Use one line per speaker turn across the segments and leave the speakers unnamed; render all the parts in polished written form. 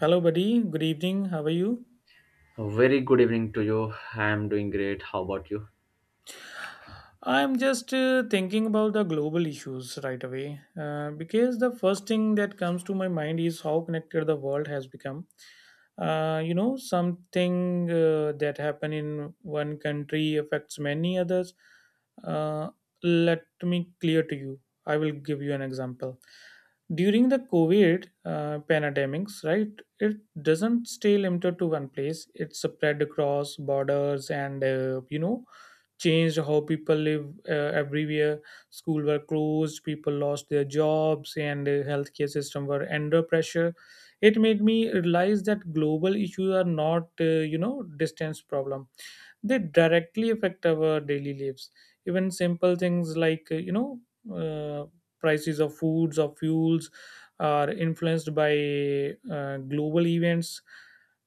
Hello, buddy. Good evening. How are you?
A very good evening to you. I am doing great. How about you?
I'm just thinking about the global issues right away because the first thing that comes to my mind is how connected the world has become. Something that happen in one country affects many others. Uh, Let me clear to you. I will give you an example. During the COVID pandemics, right, it doesn't stay limited to one place. It spread across borders and changed how people live everywhere. Schools were closed, people lost their jobs, and the healthcare system were under pressure. It made me realize that global issues are not distance problem, they directly affect our daily lives, even simple things like uh, prices of foods or fuels are influenced by global events,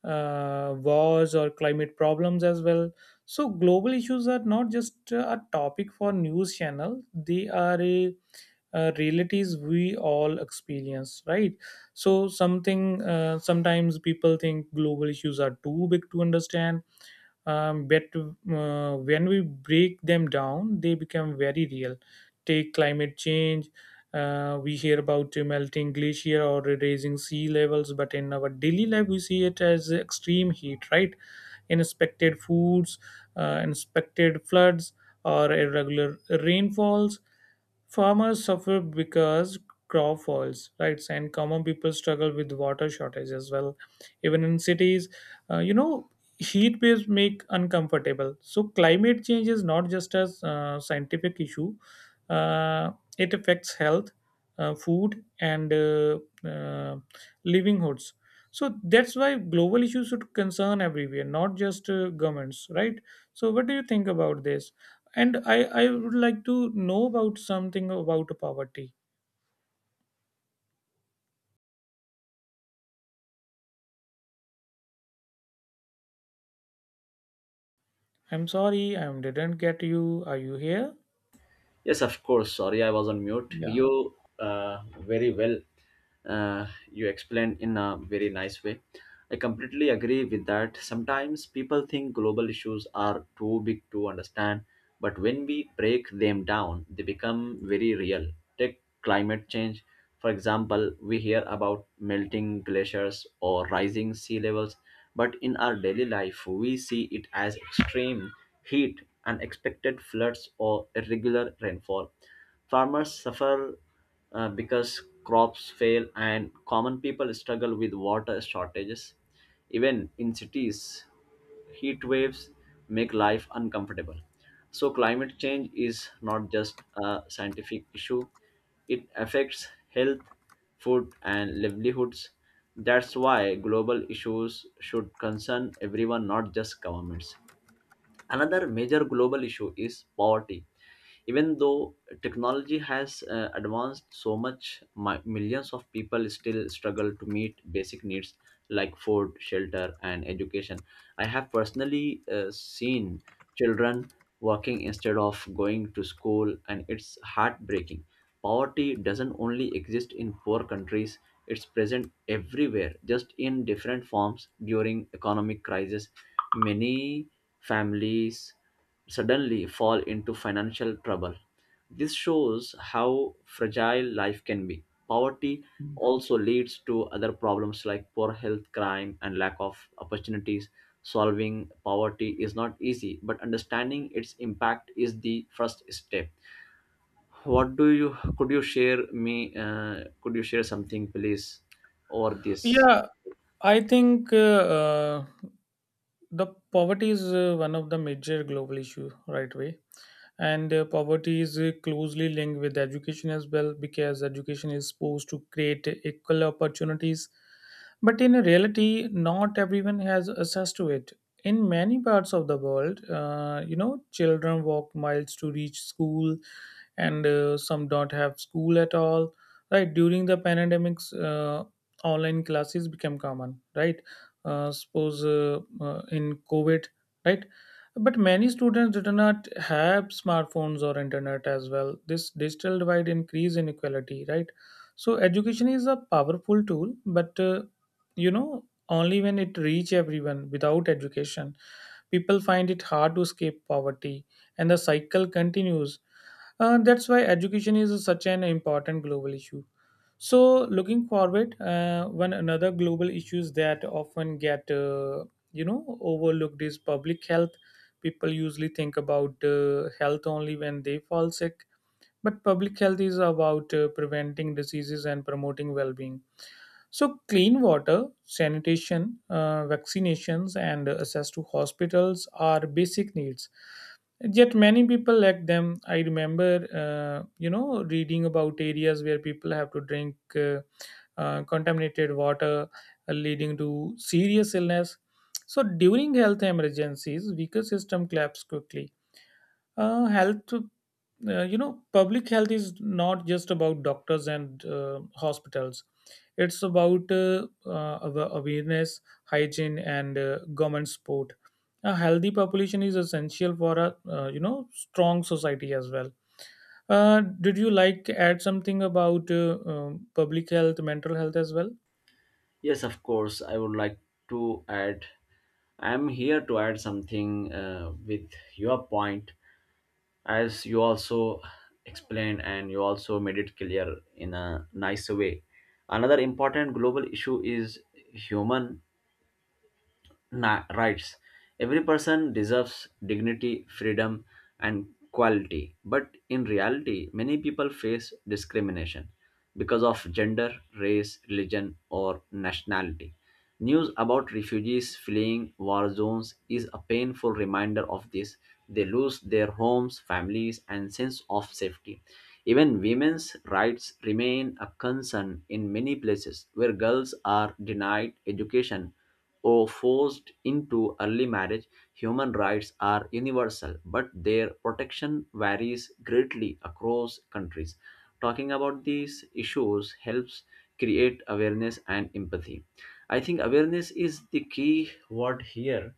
wars or climate problems as well. So global issues are not just a topic for news channel, they are realities we all experience, right? So something sometimes people think global issues are too big to understand. But when we break them down they become very real. Take climate change. We hear about melting glacier or raising sea levels, but in our daily life we see it as extreme heat, right? Inspected foods, inspected floods, or irregular rainfalls. Farmers suffer because crop fails, right, and common people struggle with water shortage as well. Even in cities, uh, you know heat waves make uncomfortable. So climate change is not just a scientific issue, uh, it affects health, food, and uh, livelihoods. So that's why global issues should concern everywhere, not just governments, right? So what do you think about this? And I would like to know about something about poverty. I'm sorry, I didn't get you, are you here?
Yes, of course. Sorry, I was on mute.
Yeah.
You very well. Uh, you explained in a very nice way. I completely agree with that. Sometimes people think global issues are too big to understand, but when we break them down, they become very real. Take climate change. For example, we hear about melting glaciers or rising sea levels, but in our daily life, we see it as extreme heat, unexpected floods, or irregular rainfall. Farmers suffer because crops fail, and common people struggle with water shortages. Even in cities, heat waves make life uncomfortable. So, climate change is not just a scientific issue, it affects health, food, and livelihoods. That's why global issues should concern everyone, not just governments. Another major global issue is poverty. Even though technology has advanced so much, millions of people still struggle to meet basic needs like food, shelter, and education. I have personally seen children working instead of going to school, and it's heartbreaking. Poverty doesn't only exist in poor countries, it's present everywhere, just in different forms. During economic crisis, many families suddenly fall into financial trouble. This shows how fragile life can be. Poverty also leads to other problems like poor health, crime, and lack of opportunities. Solving poverty is not easy, but understanding its impact is the first step. What do you? Could you share me could you share something please over this?
Yeah, I think the poverty is one of the major global issue right way, and poverty is closely linked with education as well because education is supposed to create equal opportunities, but in reality not everyone has access to it. In many parts of the world children walk miles to reach school, and some don't have school at all, right? During the pandemics, online classes became common, right? Suppose In COVID, right? But many students do not have smartphones or internet as well. This digital divide increase inequality, right? So education is a powerful tool, but only when it reach everyone. Without education, people find it hard to escape poverty, and the cycle continues. That's why education is such an important global issue. So, looking forward, one another global issues that often get overlooked is public health. People usually think about health only when they fall sick, but public health is about preventing diseases and promoting well-being. So clean water, sanitation, vaccinations and access to hospitals are basic needs, yet many people lack them. I remember reading about areas where people have to drink contaminated water, leading to serious illness. So during health emergencies, weaker system collapse quickly. uh, health Public health is not just about doctors and hospitals. It's about awareness, hygiene, and government support. A healthy population is essential for a strong society as well. Did you like to add something about public health, mental health as well?
Yes, of course, I would like to add. I am here to add something with your point, as you also explained and you also made it clear in a nice way. Another important global issue is human rights. Every person deserves dignity, freedom, and quality. But in reality, many people face discrimination because of gender, race, religion, or nationality. News about refugees fleeing war zones is a painful reminder of this. They lose their homes, families, and sense of safety. Even women's rights remain a concern in many places where girls are denied education or forced into early marriage. Human rights are universal, but their protection varies greatly across countries. Talking about these issues helps create awareness and empathy. I think awareness is the key word here.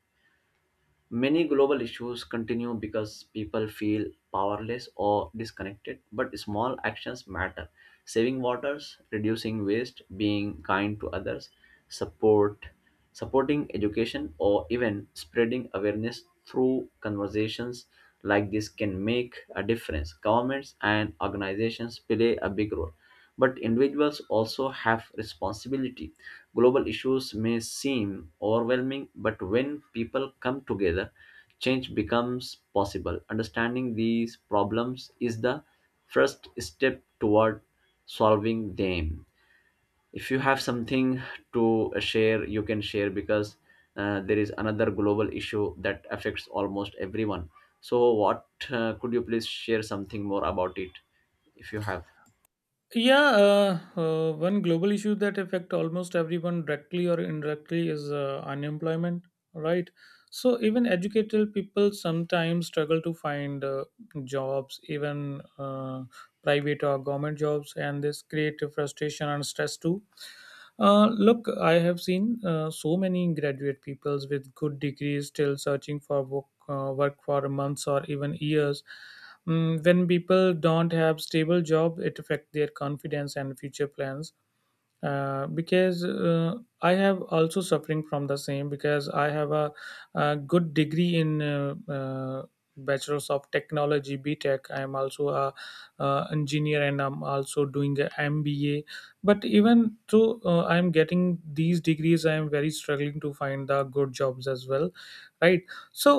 Many global issues continue because people feel powerless or disconnected, but small actions matter. Saving waters, reducing waste, being kind to others, support supporting education, or even spreading awareness through conversations like this can make a difference. Governments and organizations play a big role, but individuals also have responsibility. Global issues may seem overwhelming, but when people come together, change becomes possible. Understanding these problems is the first step toward solving them. If you have something to share, you can share because there is another global issue that affects almost everyone. So, what could you please share something more about it, if you have?
Yeah, one global issue that affect almost everyone directly or indirectly is unemployment, right? So even educated people sometimes struggle to find jobs, even private or government jobs, and this create frustration and stress too. Look, I have seen so many graduate peoples with good degrees still searching for work for months or even years. Mm, when people don't have stable job, it affect their confidence and future plans, because I have also suffering from the same because I have a good degree in bachelor's of technology, btech. I am also a engineer and I'm also doing a mba, but even though I'm getting these degrees I am very struggling to find the good jobs as well, right? So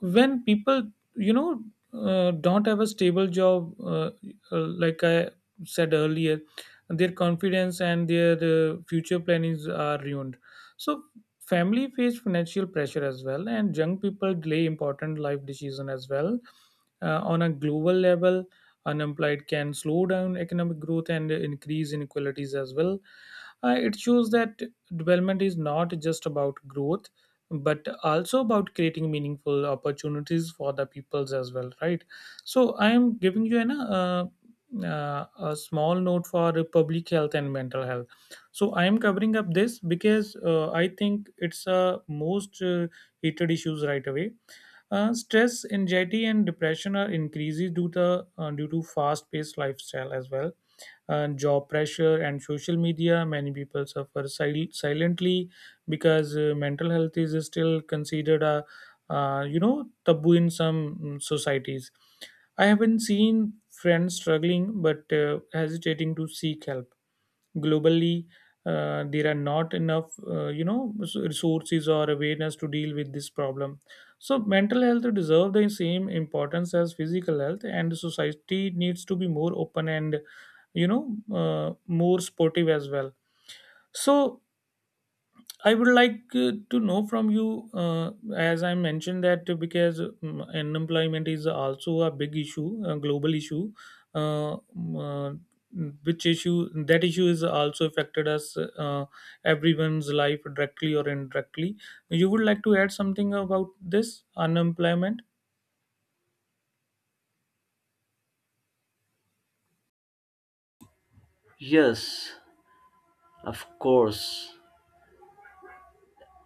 when people you know don't have a stable job, like I said earlier, their confidence and their future plannings are ruined. So family face financial pressure as well, and young people delay important life decision as well. On a global level, unemployed can slow down economic growth and increase inequalities as well. It shows that development is not just about growth, but also about creating meaningful opportunities for the peoples as well, right? So I am giving you an uh, a small note for public health and mental health. So I am covering up this because I think it's a most heated issues right away. Stress, anxiety and depression are increases due to fast paced lifestyle as well, and job pressure and social media. Many people suffer silently because mental health is still considered a taboo in some mm, societies. I haven't seen friends struggling but hesitating to seek help globally. There are not enough resources or awareness to deal with this problem. So mental health deserve the same importance as physical health, and society needs to be more open and more supportive as well. So I would like to know from you, as I mentioned that because unemployment is also a big issue, a global issue, uh, um, uh, which issue is also affected us, everyone's life directly or indirectly. You would like to add something about this unemployment,
Yes, of course,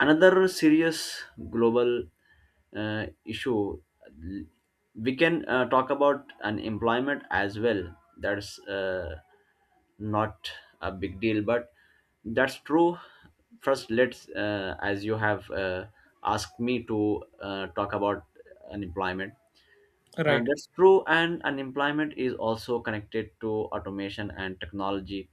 another serious global issue. We can talk about unemployment as well. That's not a big deal, but that's true. First, as you have asked me to talk about unemployment. And
right?
that's true, and unemployment is also connected to automation and technology.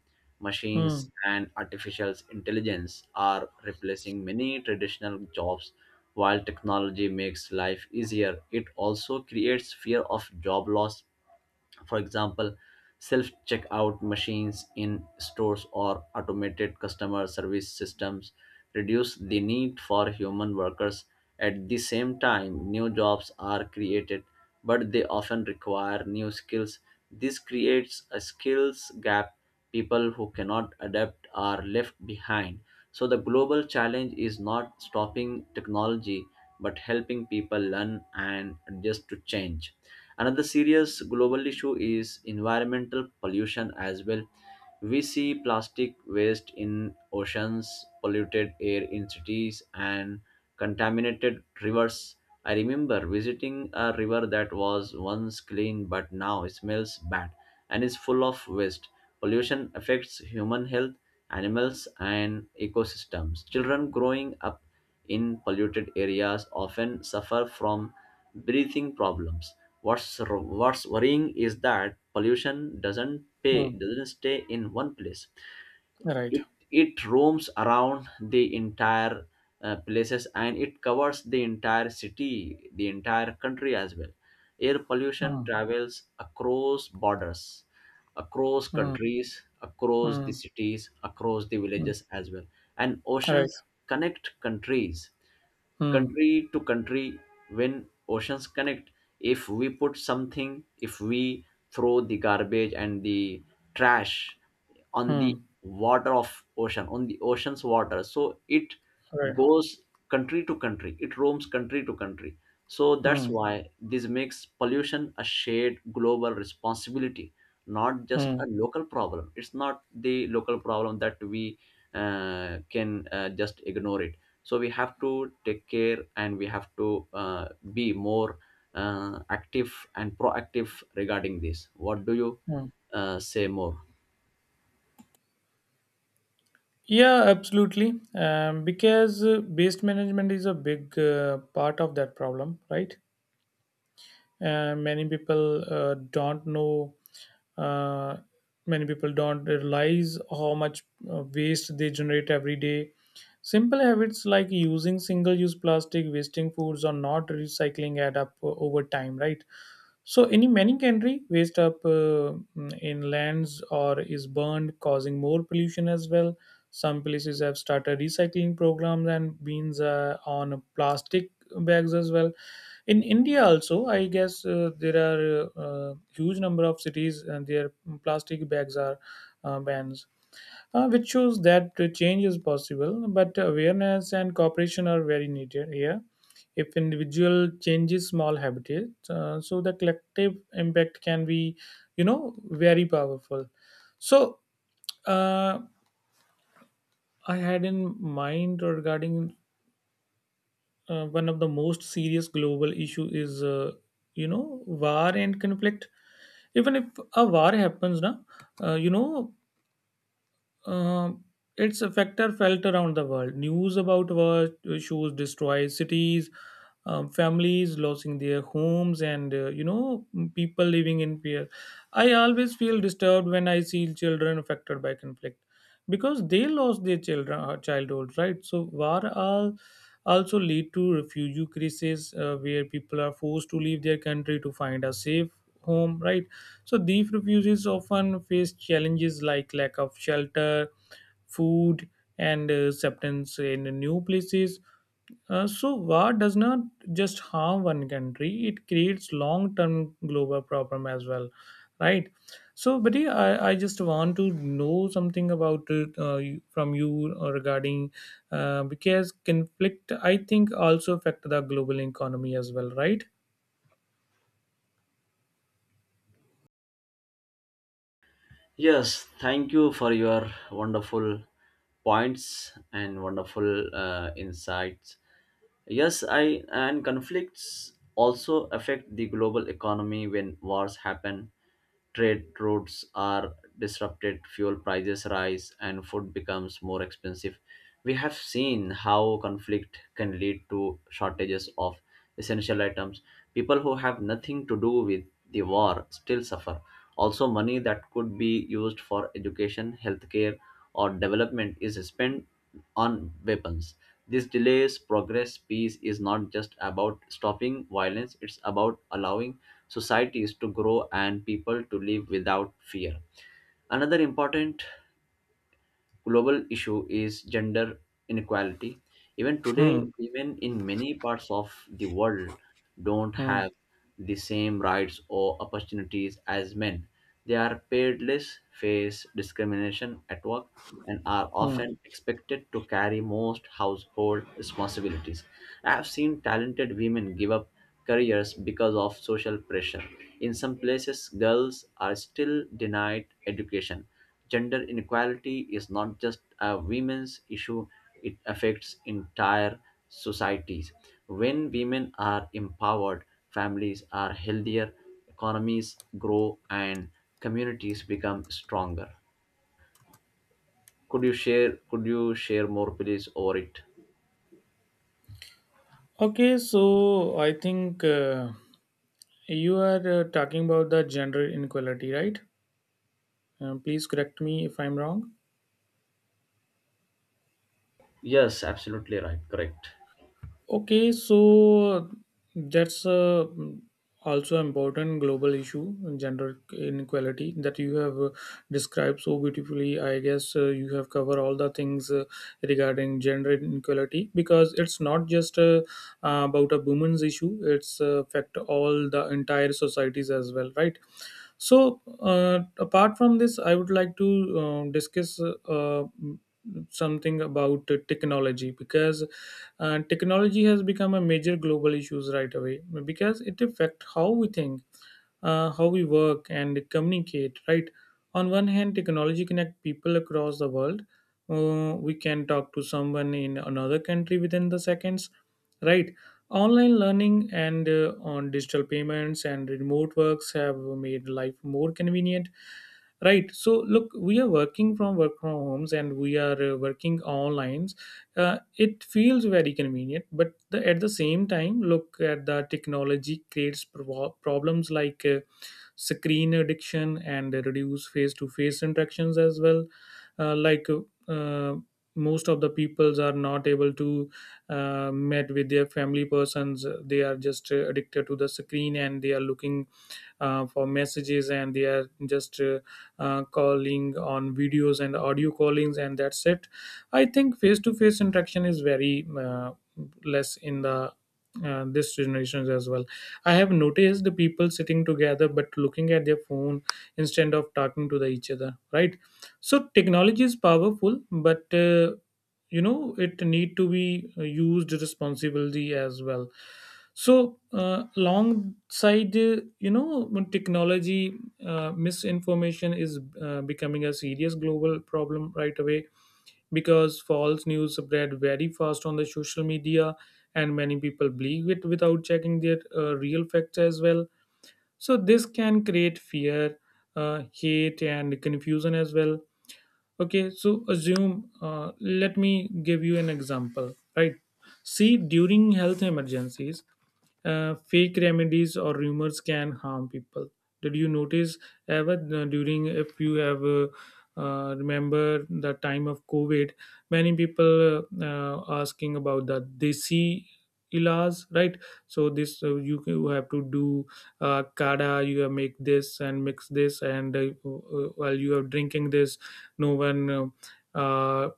Hmm.
Machines and artificial intelligence are replacing many traditional jobs. While technology makes life easier, it also creates fear of job loss. For example, self checkout machines in stores or automated customer service systems reduce the need for human workers. At the same time, new jobs are created, but they often require new skills. This creates a skills gap. People who cannot adapt are left behind. So the global challenge is not stopping technology but helping people learn and adjust to change. Another serious global issue is environmental pollution as well. We see plastic waste in oceans, polluted air in cities, and contaminated rivers. I remember visiting a river that was once clean but now smells bad and is full of waste. Pollution affects human health, animals, and ecosystems. Children growing up in polluted areas often suffer from breathing problems. What's worrying is that pollution doesn't pay
Hmm.
doesn't stay in one place.
Right.
It roams around the entire places, and it covers the entire city, the entire country as well. Air pollution
Hmm.
travels across borders, across
Hmm.
countries, across the
Hmm.
cities, across the
Hmm.
villages as well. And
Right.
oceans connect countries,
Hmm.
country to country. When oceans connect, if we throw the garbage and the trash on the
Hmm.
water of ocean, on the ocean's water, so it
Right.
goes country to country, it roams country to country. So that's
Hmm.
why this makes pollution a shared global responsibility, not just
Hmm.
a local problem. It's not the local problem that we can just ignore. It so we have to take care, and we have to be more active and proactive regarding this. What do you
Hmm.
say more?
Yeah, absolutely. Because waste management is a big part of that problem, right? Many people don't know. Uh, Many people don't realize how much waste they generate every day. Simple habits like using single-use plastic, wasting foods, or not recycling add up over time, right? So, any meningendry waste up in lands or is burned, causing more pollution as well. Some places have started recycling programs and bins on plastic bags as well. In India, also, I guess there are huge number of cities and their plastic bags are banned, which shows that change is possible, but awareness and cooperation are very needed here. If individual changes small habits, so the collective impact can be, you know, very powerful. So uh, I had in mind regarding one of the most serious global issue is, you know, war and conflict. Even if a war happens, now, uh, you know, Um, it's a factor felt around the world. News about war shows destroy cities, families losing their homes, and people living in fear. I always feel disturbed when I see children affected by conflict because they lost their children childhood, right? So war all also lead to refugee crisis where people are forced to leave their country to find a safe home, right? So these refugees often face challenges like lack of shelter, food, and acceptance in new places. So war does not just harm one country; it creates long-term global problem as well, right? So, buddy, I just want to know something about it from you regarding, because conflict I think also affect the global economy as well, right?
Yes, thank you for your wonderful points and wonderful insights. Yes, I and conflicts also affect the global economy. When wars happen, trade routes are disrupted, fuel prices rise, and food becomes more expensive. We have seen how conflict can lead to shortages of essential items. People who have nothing to do with the war still suffer. Also, money that could be used for education, healthcare, or development is spent on weapons. This delays progress. Peace is not just about stopping violence, it's about allowing societies to grow and people to live without fear. Another important global issue is gender inequality. Even today,
Hmm.
women in many parts of the world don't
Hmm.
have the same rights or opportunities as men. They are paid less, face discrimination at work, and are
Hmm.
often expected to carry most household responsibilities. I have seen talented women give up careers because of social pressure. In some places, girls are still denied education. Gender inequality is not just a women's issue, it affects entire societies. When women are empowered, families are healthier, economies grow, and communities become stronger. Could you share more please over it?
Okay, so I think you are talking about the gender inequality, right? Please correct me if I'm wrong.
Yes, absolutely right. Correct.
Okay, so that's also important global issue, gender inequality that you have described so beautifully. I guess you have covered all the things regarding gender inequality, because it's not just about a women's issue; it's affect all the entire societies as well, right? So, apart from this, I would like to discuss uh, something about technology, because technology has become a major global issues right away because it affects how we think, how we work and communicate, right? On one hand technology connect people across the world. We can talk to someone in another country within the seconds, right? Online learning and on digital payments and remote works have made life more convenient, right? So look, we are work from homes, and we are working online. It feels very convenient, but at the same time, look at the technology creates problems like screen addiction and reduce face-to-face interactions as well uh, like uh, uh, most of the peoples are not able to met with their family persons, they are just addicted to the screen and they are looking for messages and they are just calling on videos and audio callings and that's it. I think face to face interaction is very less in the this generations as well. I have noticed the people sitting together but looking at their phone instead of talking to the each other, right? So technology is powerful, but it need to be used responsibly as well. So alongside you know when technology misinformation is becoming a serious global problem right away, because false news spread very fast on the social media and many people believe it without checking their real facts as well. So this can create fear, hate and confusion as well. Okay, so assume, let me give you an example, right? See, during health emergencies, fake remedies or rumors can harm people. Did you notice ever, during if you have remember the time of covid, many people uh, asking about the desi ilas, right? So this, you, you have to do, kada, you have make this and mix this, and while you are drinking this, no, when uh,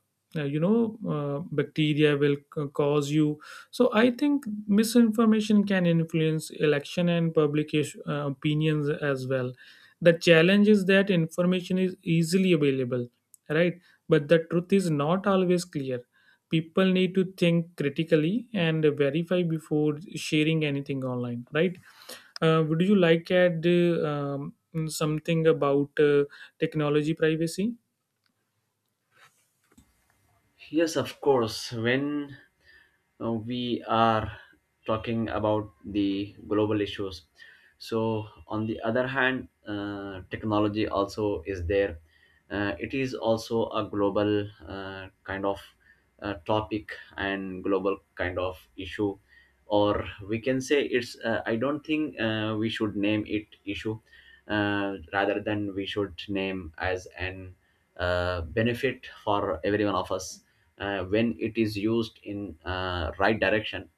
bacteria will cause you. So I think misinformation can influence election and public opinions as well. The challenge is that information is easily available, right? But the truth is not always clear. People need to think critically and verify before sharing anything online, right? Would you like add something about technology privacy?
Yes, of course. When we are talking about the global issues, so on the other hand, technology also is there. It is also a global kind of topic and global kind of issue, or we can say it's I don't think we should name it issue, rather than we should name as an benefit for every one of us, when it is used in right direction.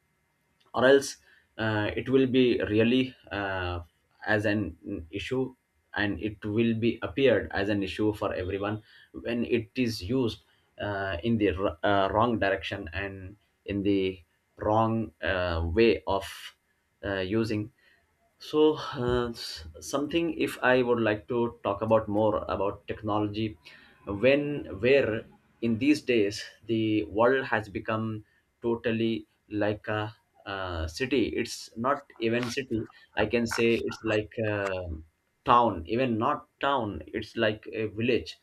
Or else it will be really as an issue, and it will be appeared as an issue for everyone when it is used in the wrong direction and in the wrong way of using. So something, if I would like to talk about more about technology, when where in these days the world has become totally like a city. It's not even city, I can say it's like a town. Even not town, it's like a village.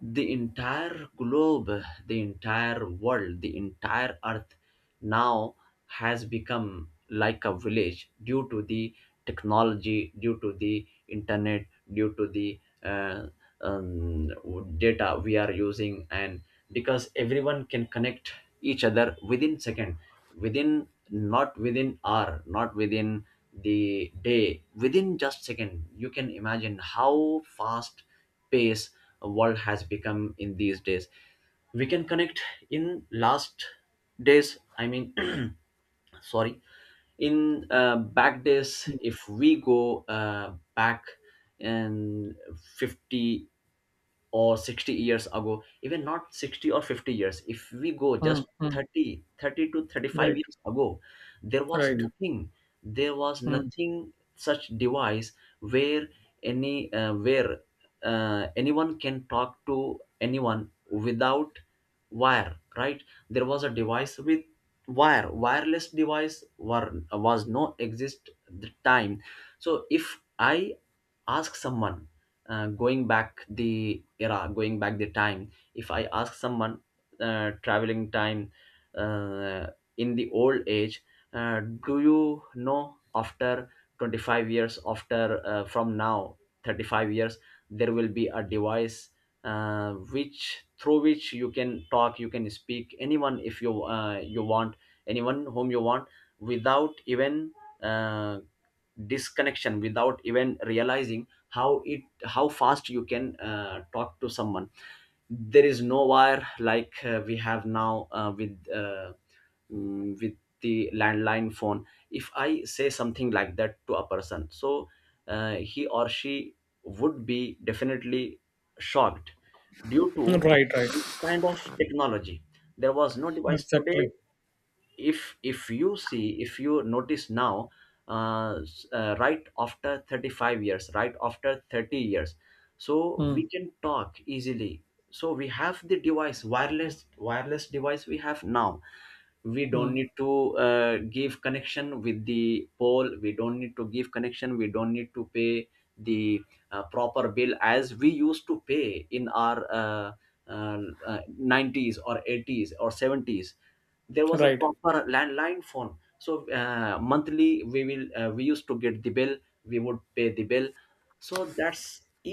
The entire globe, the entire world, the entire earth now has become like a village due to the technology, due to the internet, due to the um, data we are using, and because everyone can connect each other within second, within not within hour, not within the day, within just second. You can imagine how fast pace world has become in these days. We can connect in last days, I mean sorry, in back days. If we go back in 50 or 60 years ago, even not 60 or 50 years, if we go
Mm,
just
mm.
30 to 35
Right,
years ago, there was
right.
nothing there was
Mm.
nothing such device where any uh, where anyone can talk to anyone without wire, right? There was a device with wire. Wireless device was no exist the time. So if I ask someone, going back the era, going back the time, if I ask someone traveling time uh, in the old age, do you know, after 25 years, after from now, 35 years, there will be a device which through which you can talk, you can speak anyone if you want, anyone whom you want, without even uh, disconnection, without even realizing how it, how fast you can talk to someone. There is no wire like we have now with the landline phone. If I say something like that to a person, so he or she would be definitely shocked due to
Right, right.
this kind of technology. There was no device today.
Exactly.
If you see, if you notice now, right after 35 years, right after 30 years, so we
Mm,
can talk easily. So we have the device, wireless device we have now. We don't
mm.
need to give connection with the pole, we don't need to give connection, we don't need to pay the proper bill as we used to pay in our uh, 90s or 80s or 70s. There was a
Right.
proper landline phone, so monthly we will, we used to get the bill, we would pay the bill. So that's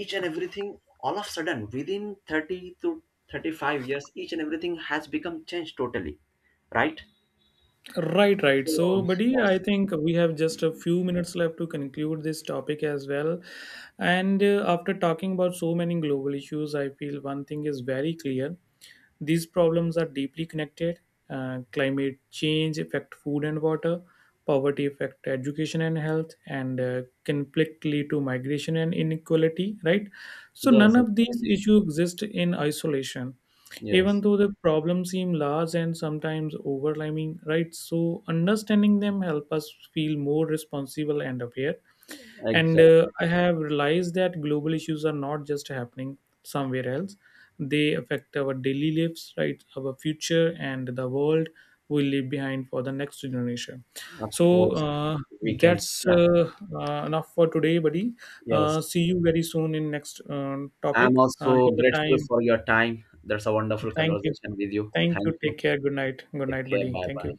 each and everything all of a sudden within 30 to 35 years, each and everything has become changed totally, right?
Right, right. So,
So
buddy, I
that's,
think we have just a few minutes left to conclude this topic as well. And after talking about so many global issues, I feel one thing is very clear. These problems are deeply connected. Climate change affect food and water, poverty affect education and health, and conflict lead to migration and inequality. Right. So none
yes,
of these
exactly.
issues exist in isolation, even
Yes,
though the problems seem large and sometimes overwhelming. Right. So understanding them help us feel more responsible and aware, and
exactly,
I have realized that global issues are not just happening somewhere else, they affect our daily lives, right? Our future and the world we leave behind for the next generation.
of
So
course.
uh,
We can,
that's
yeah.
uh, uh, enough for today, buddy.
Yes,
See you very soon in next
I'm
topic.
also
Till the
grateful
time,
for your time. That's a wonderful
thank you.
conversation with you.
Thank
Thank
you.
you.
Take care. Good night. Good
Take
night,
care,
buddy.
bye
Thank
bye.
you.